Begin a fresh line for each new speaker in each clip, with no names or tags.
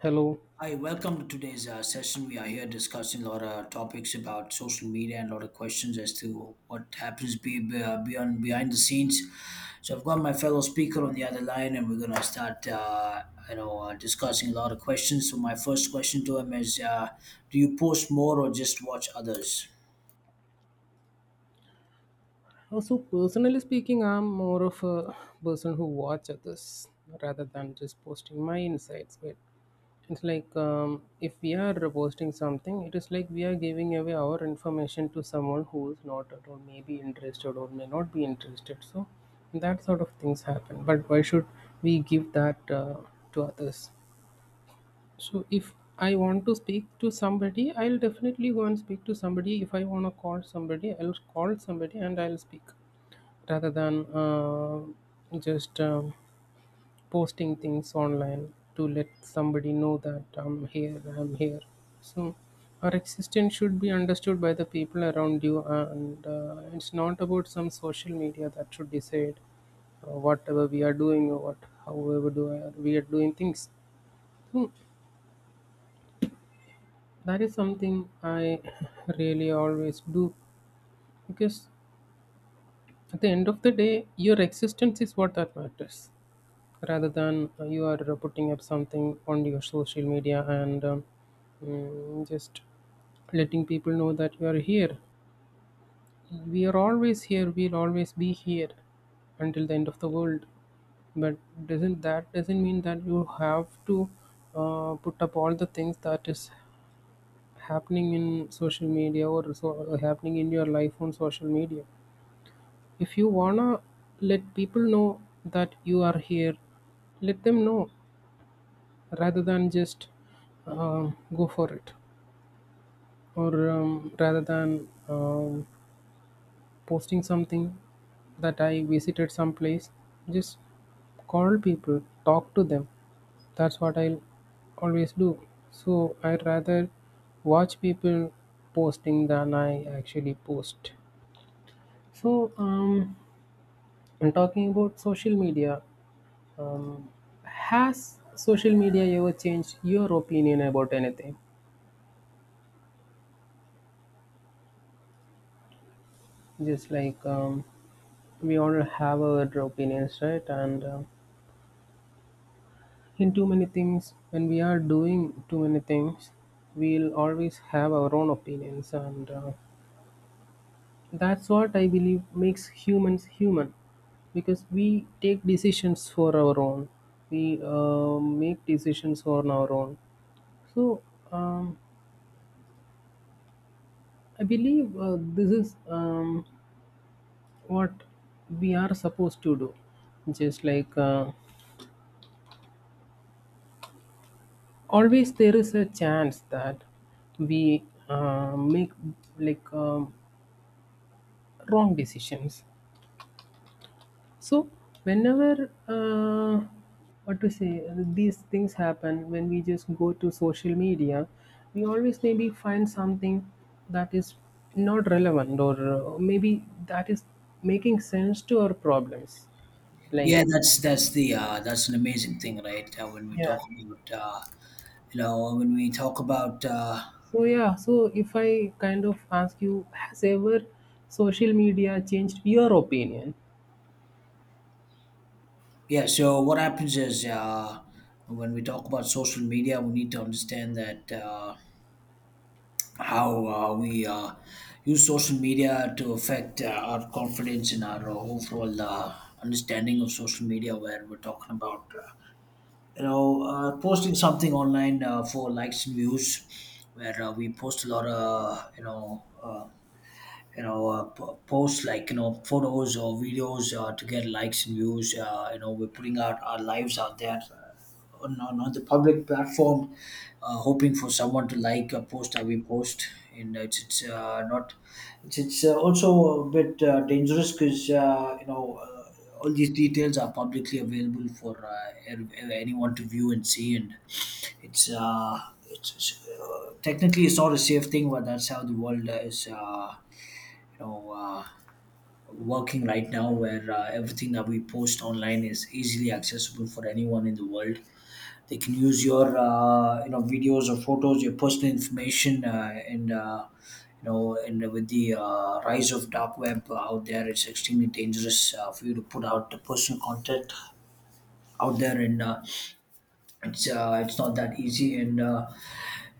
Hello.
Hi, welcome to today's session. We are here discussing a lot of topics about social media and a lot of questions as to what happens beyond behind the scenes. So I've got my fellow speaker on the other line, and we're gonna start discussing a lot of questions. So my first question to him is, do you post more or just watch others?
So personally speaking, I'm more of a person who watch others rather than just posting my insights. But it's like if we are posting something, it is like we are giving away our information to someone who is not at all maybe interested or may not be interested. So that sort of things happen. But why should we give that to others? So if I want to speak to somebody, I'll definitely go and speak to somebody. If I want to call somebody, I'll call somebody and I'll speak rather than just posting things online to let somebody know that I'm here, I'm here. So our existence should be understood by the people around you, and it's not about some social media that should decide whatever we are doing or what we are doing things. So, that is something I really always do because at the end of the day, your existence is what that matters rather than you are putting up something on your social media and just letting people know that you are here. We are always here, we'll always be here until the end of the world, but doesn't that doesn't mean that you have to put up all the things that is happening in social media or so happening in your life on social media. If you wanna let people know that you are here, let them know rather than just go for it, or rather than posting something that I visited some place. Just call people, talk to them. That's what I will always do. So I rather watch people posting than I actually post. So I'm talking about social media. Um, has social media ever changed your opinion about anything? Just like we all have our opinions, right? And in too many things when we are doing too many things we'll always have our own opinions and that's what I believe makes humans human, because we take decisions for our own, we make decisions on our own. So um, I believe this is what we are supposed to do. Just like always there is a chance that we make like um, wrong decisions. So whenever what to say, these things happen when we just go to social media, we always maybe find something that is not relevant, or maybe that is making sense to our problems, like.
Yeah, that's the that's an amazing thing, right? When we
Yeah,
talk about you know when we talk about uh,
so yeah, so if I kind of ask you, has ever social media changed your opinion?
yeah, so what happens is when we talk about social media, we need to understand that how we use social media to affect our confidence and our overall understanding of social media, where we're talking about posting something online for likes and views, where we post a lot of post like you know photos or videos to get likes and views you know we're putting out our lives out there on the public platform hoping for someone to like a post that we post and it's not it's, it's also a bit dangerous because you know all these details are publicly available for ev- ev- anyone to view and see and it's uh, it's, technically it's not a safe thing but that's how the world is you know uh, working right now where everything that we post online is easily accessible for anyone in the world. They can use your videos or photos, your personal information and you know, and with the rise of dark web out there, it's extremely dangerous for you to put out the personal content out there. And it's It's not that easy, and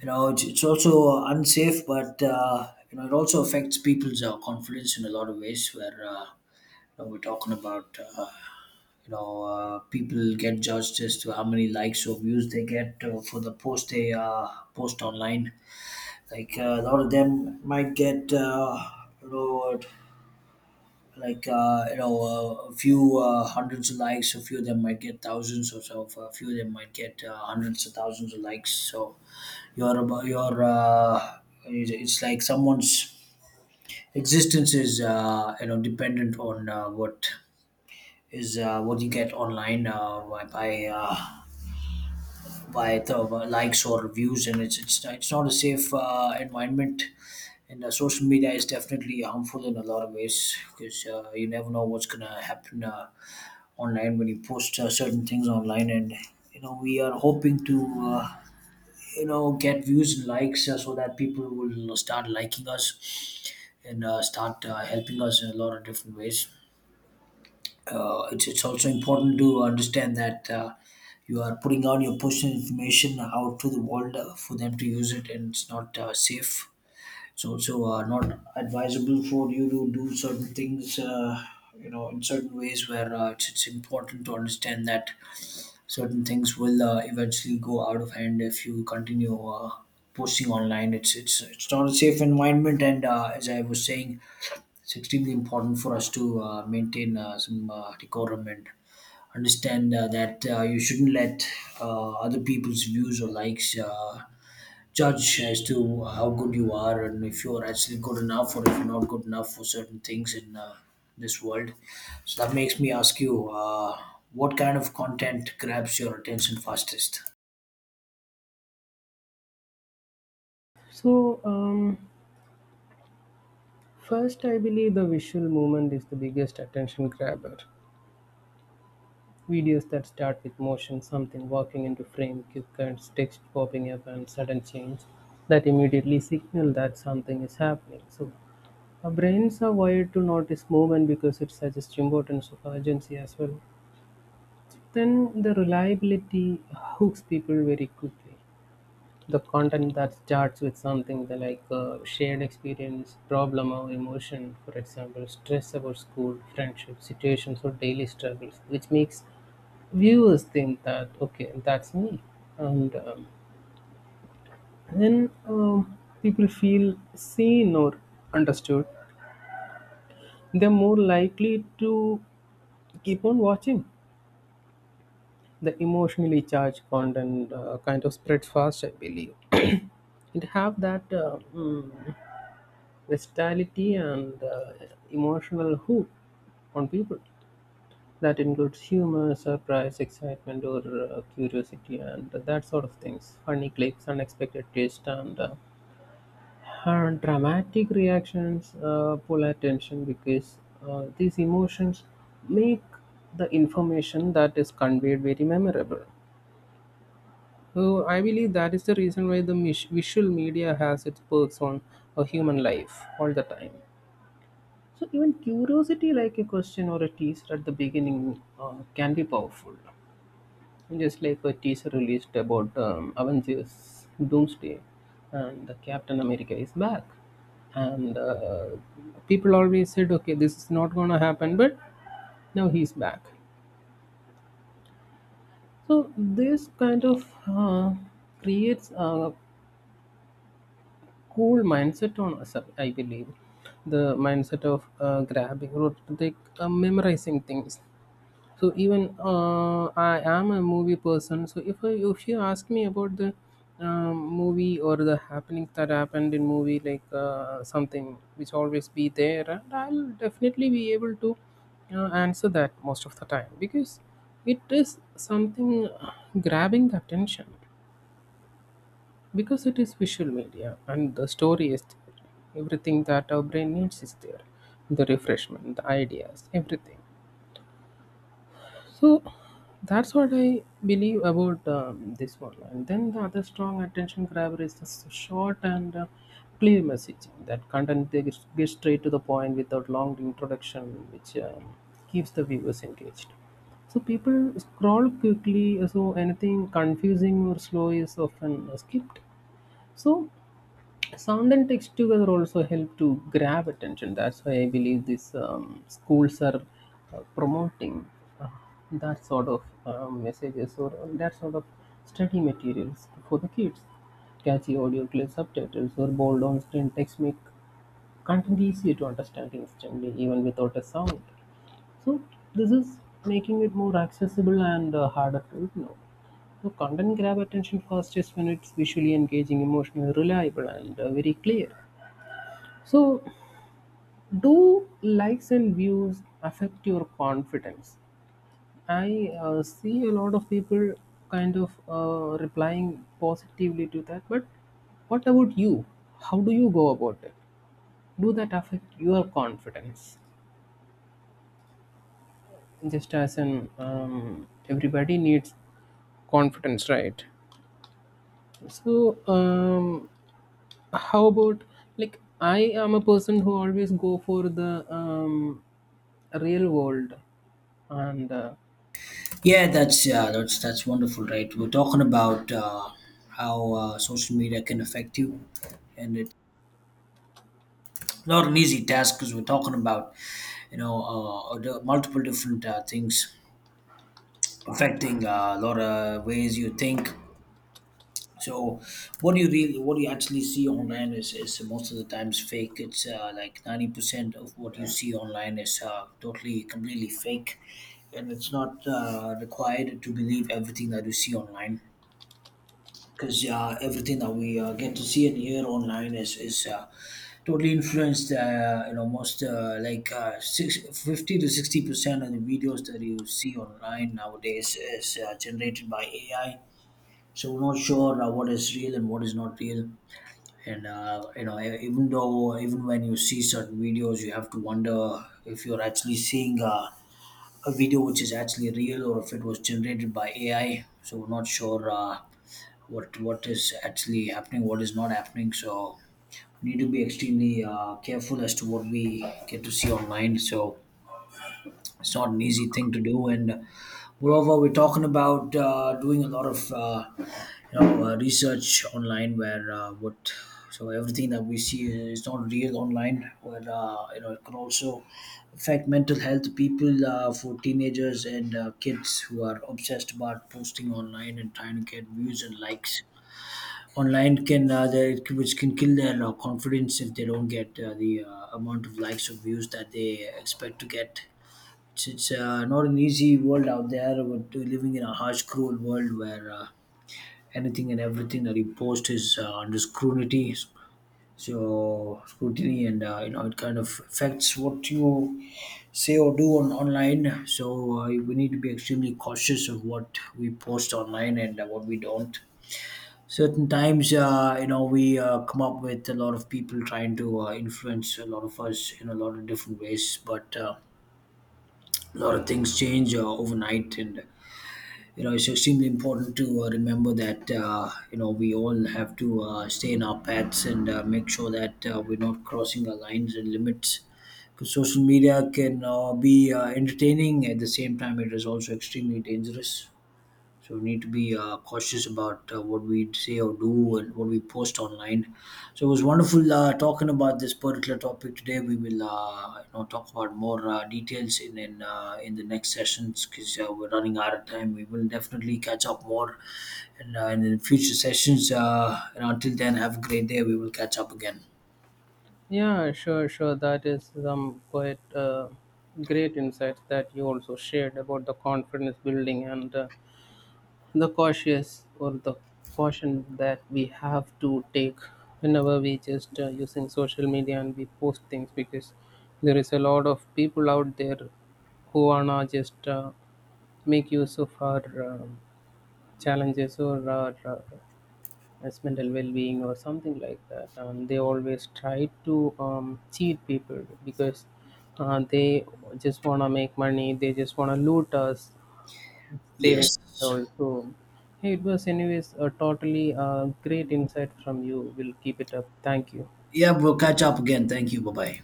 you know it's also unsafe, but you know it also affects people's confidence in a lot of ways where know, we're talking about people get judged as to how many likes or views they get for the post they post online. Like a lot of them might get you know a few hundreds of likes. A few of them might get thousands or so. A few of them might get hundreds of thousands of likes. So your about your it's like someone's existence is dependent on what you get online by the likes or reviews, and it's not a safe environment. And social media is definitely harmful in a lot of ways because you never know what's gonna happen online when you post certain things online. And you know we are hoping to get views and likes so that people will start liking us and start helping us in a lot of different ways. Uh, It's also important to understand that you are putting out your personal information out to the world for them to use it, and it's not safe. It's also not advisable for you to do certain things in certain ways where it's important to understand that certain things will eventually go out of hand if you continue posting online. It's not a safe environment, and as I was saying, it's extremely important for us to maintain some decorum and understand that you shouldn't let other people's views or likes judge as to how good you are, and if you're actually good enough or if you're not good enough for certain things in this world. So that makes me ask you, what kind of content grabs your attention fastest?
So first, I believe the visual movement is the biggest attention grabber. Videos that start with motion, something walking into frame, quick cuts, text popping up, and sudden change that immediately signal that something is happening. So, our brains are wired to notice movement because it suggests importance of urgency as well. Then, the reliability hooks people very quickly. The content that starts with something that like shared experience problem or emotion, for example stress about school friendship situations or daily struggles, which makes viewers think that okay, that's me. And then people feel seen or understood, they're more likely to keep on watching. The emotionally charged content kind of spreads fast, I believe. It have that versatility and emotional hook on people. That includes humor, surprise, excitement, or curiosity, and that sort of things. Funny clips, unexpected twist, and and dramatic reactions pull attention because these emotions make the information that is conveyed very memorable. So I believe that is the reason why the visual media has its perks on a human life all the time. So even curiosity, like a question or a teaser at the beginning, can be powerful. Just like a teaser released about Avengers Doomsday, and the Captain America is back, and people always said, "Okay, this is not gonna happen," but now he's back. So this kind of creates a cool mindset on us, I believe. The mindset of grabbing or like memorizing things. So even I am a movie person, so if you ask me about the movie or the happenings that happened in movie, like something which always be there, and I'll definitely be able to answer that most of the time because it is something grabbing the attention, because it is visual media and the story is there. Everything that our brain needs is there, the refreshment, the ideas, everything. So that's what I believe about this one. And then the other strong attention grabber is the short and clear messaging. That content they gets gets straight to the point without long introduction, which keeps the viewers engaged. So people scroll quickly, so anything confusing or slow is often skipped. So sound and text together also help to grab attention. That's why I believe these schools are promoting uh, that sort of messages or that sort of study materials for the kids. Catchy audio clips, subtitles, or bold on screen text make content easier to understand instantly, even without a sound. So this is making it more accessible and harder to ignore. So content grab attention fastest when it's visually engaging, emotionally reliable, and very clear. So do likes and views affect your confidence? I see a lot of people kind of replying positively to that, but what about you? How do you go about it? Do that affect your confidence? Just as an everybody needs confidence, right? So how about, like, I am a person who always go for the real world, and
Yeah, that's that's wonderful, right? We're talking about how social media can affect you, and it not an easy task because we're talking about the multiple different things affecting a lot of ways you think. So what do you really, what do you actually see online is most of the times fake. It's like 90% of what you see online is totally completely fake, and it's not required to believe everything that you see online because everything that we get to see and hear online is totally influenced. You know, most like six 50 to 60% of the videos that you see online nowadays is generated by AI. So we're not sure what is real and what is not real. And you know, e- even though even when you see certain videos, you have to wonder if you're actually seeing a video which is actually real or if it was generated by AI. So we're not sure. What is actually happening, what is not happening. So we need to be extremely careful as to what we get to see online. So it's not an easy thing to do. And moreover, we're talking about doing a lot of research online where what so everything that we see is not real online, where you know it can also affect mental health people, for teenagers and kids who are obsessed about posting online and trying to get views and likes online can which can kill their confidence if they don't get the amount of likes or views that they expect to get. It's not an easy world out there. We're living in a harsh, cruel world where anything and everything that you post is under scrutiny. So scrutiny, and it kind of affects what you say or do on online. So we need to be extremely cautious of what we post online and what we don't. Certain times we come up with a lot of people trying to influence a lot of us in a lot of different ways, but a lot of things change overnight, and you know it's extremely important to remember that we all have to stay in our paths and make sure that we're not crossing our lines and limits, because social media can be entertaining. At the same time, it is also extremely dangerous, so we need to be cautious about what we say or do and what we post online. So it was wonderful talking about this particular topic today. We will talk about more details in the next sessions because we're running out of time. We will definitely catch up more in the future sessions. And until then, have a great day. We will catch up again.
yeah, sure, sure, that is some quite great insights that you also shared about the confidence building and the cautious or the caution that we have to take whenever we just using social media and we post things, because there is a lot of people out there who wanna just make use of our um challenges or our as mental well-being or something like that, and they always try to cheat people because they just wanna make money, they just wanna loot us savings
Yes.
account. So, hey, it was anyways a totally great insight from you. We'll keep it up. Thank you.
Yeah, we'll catch up again. Thank you. Bye bye.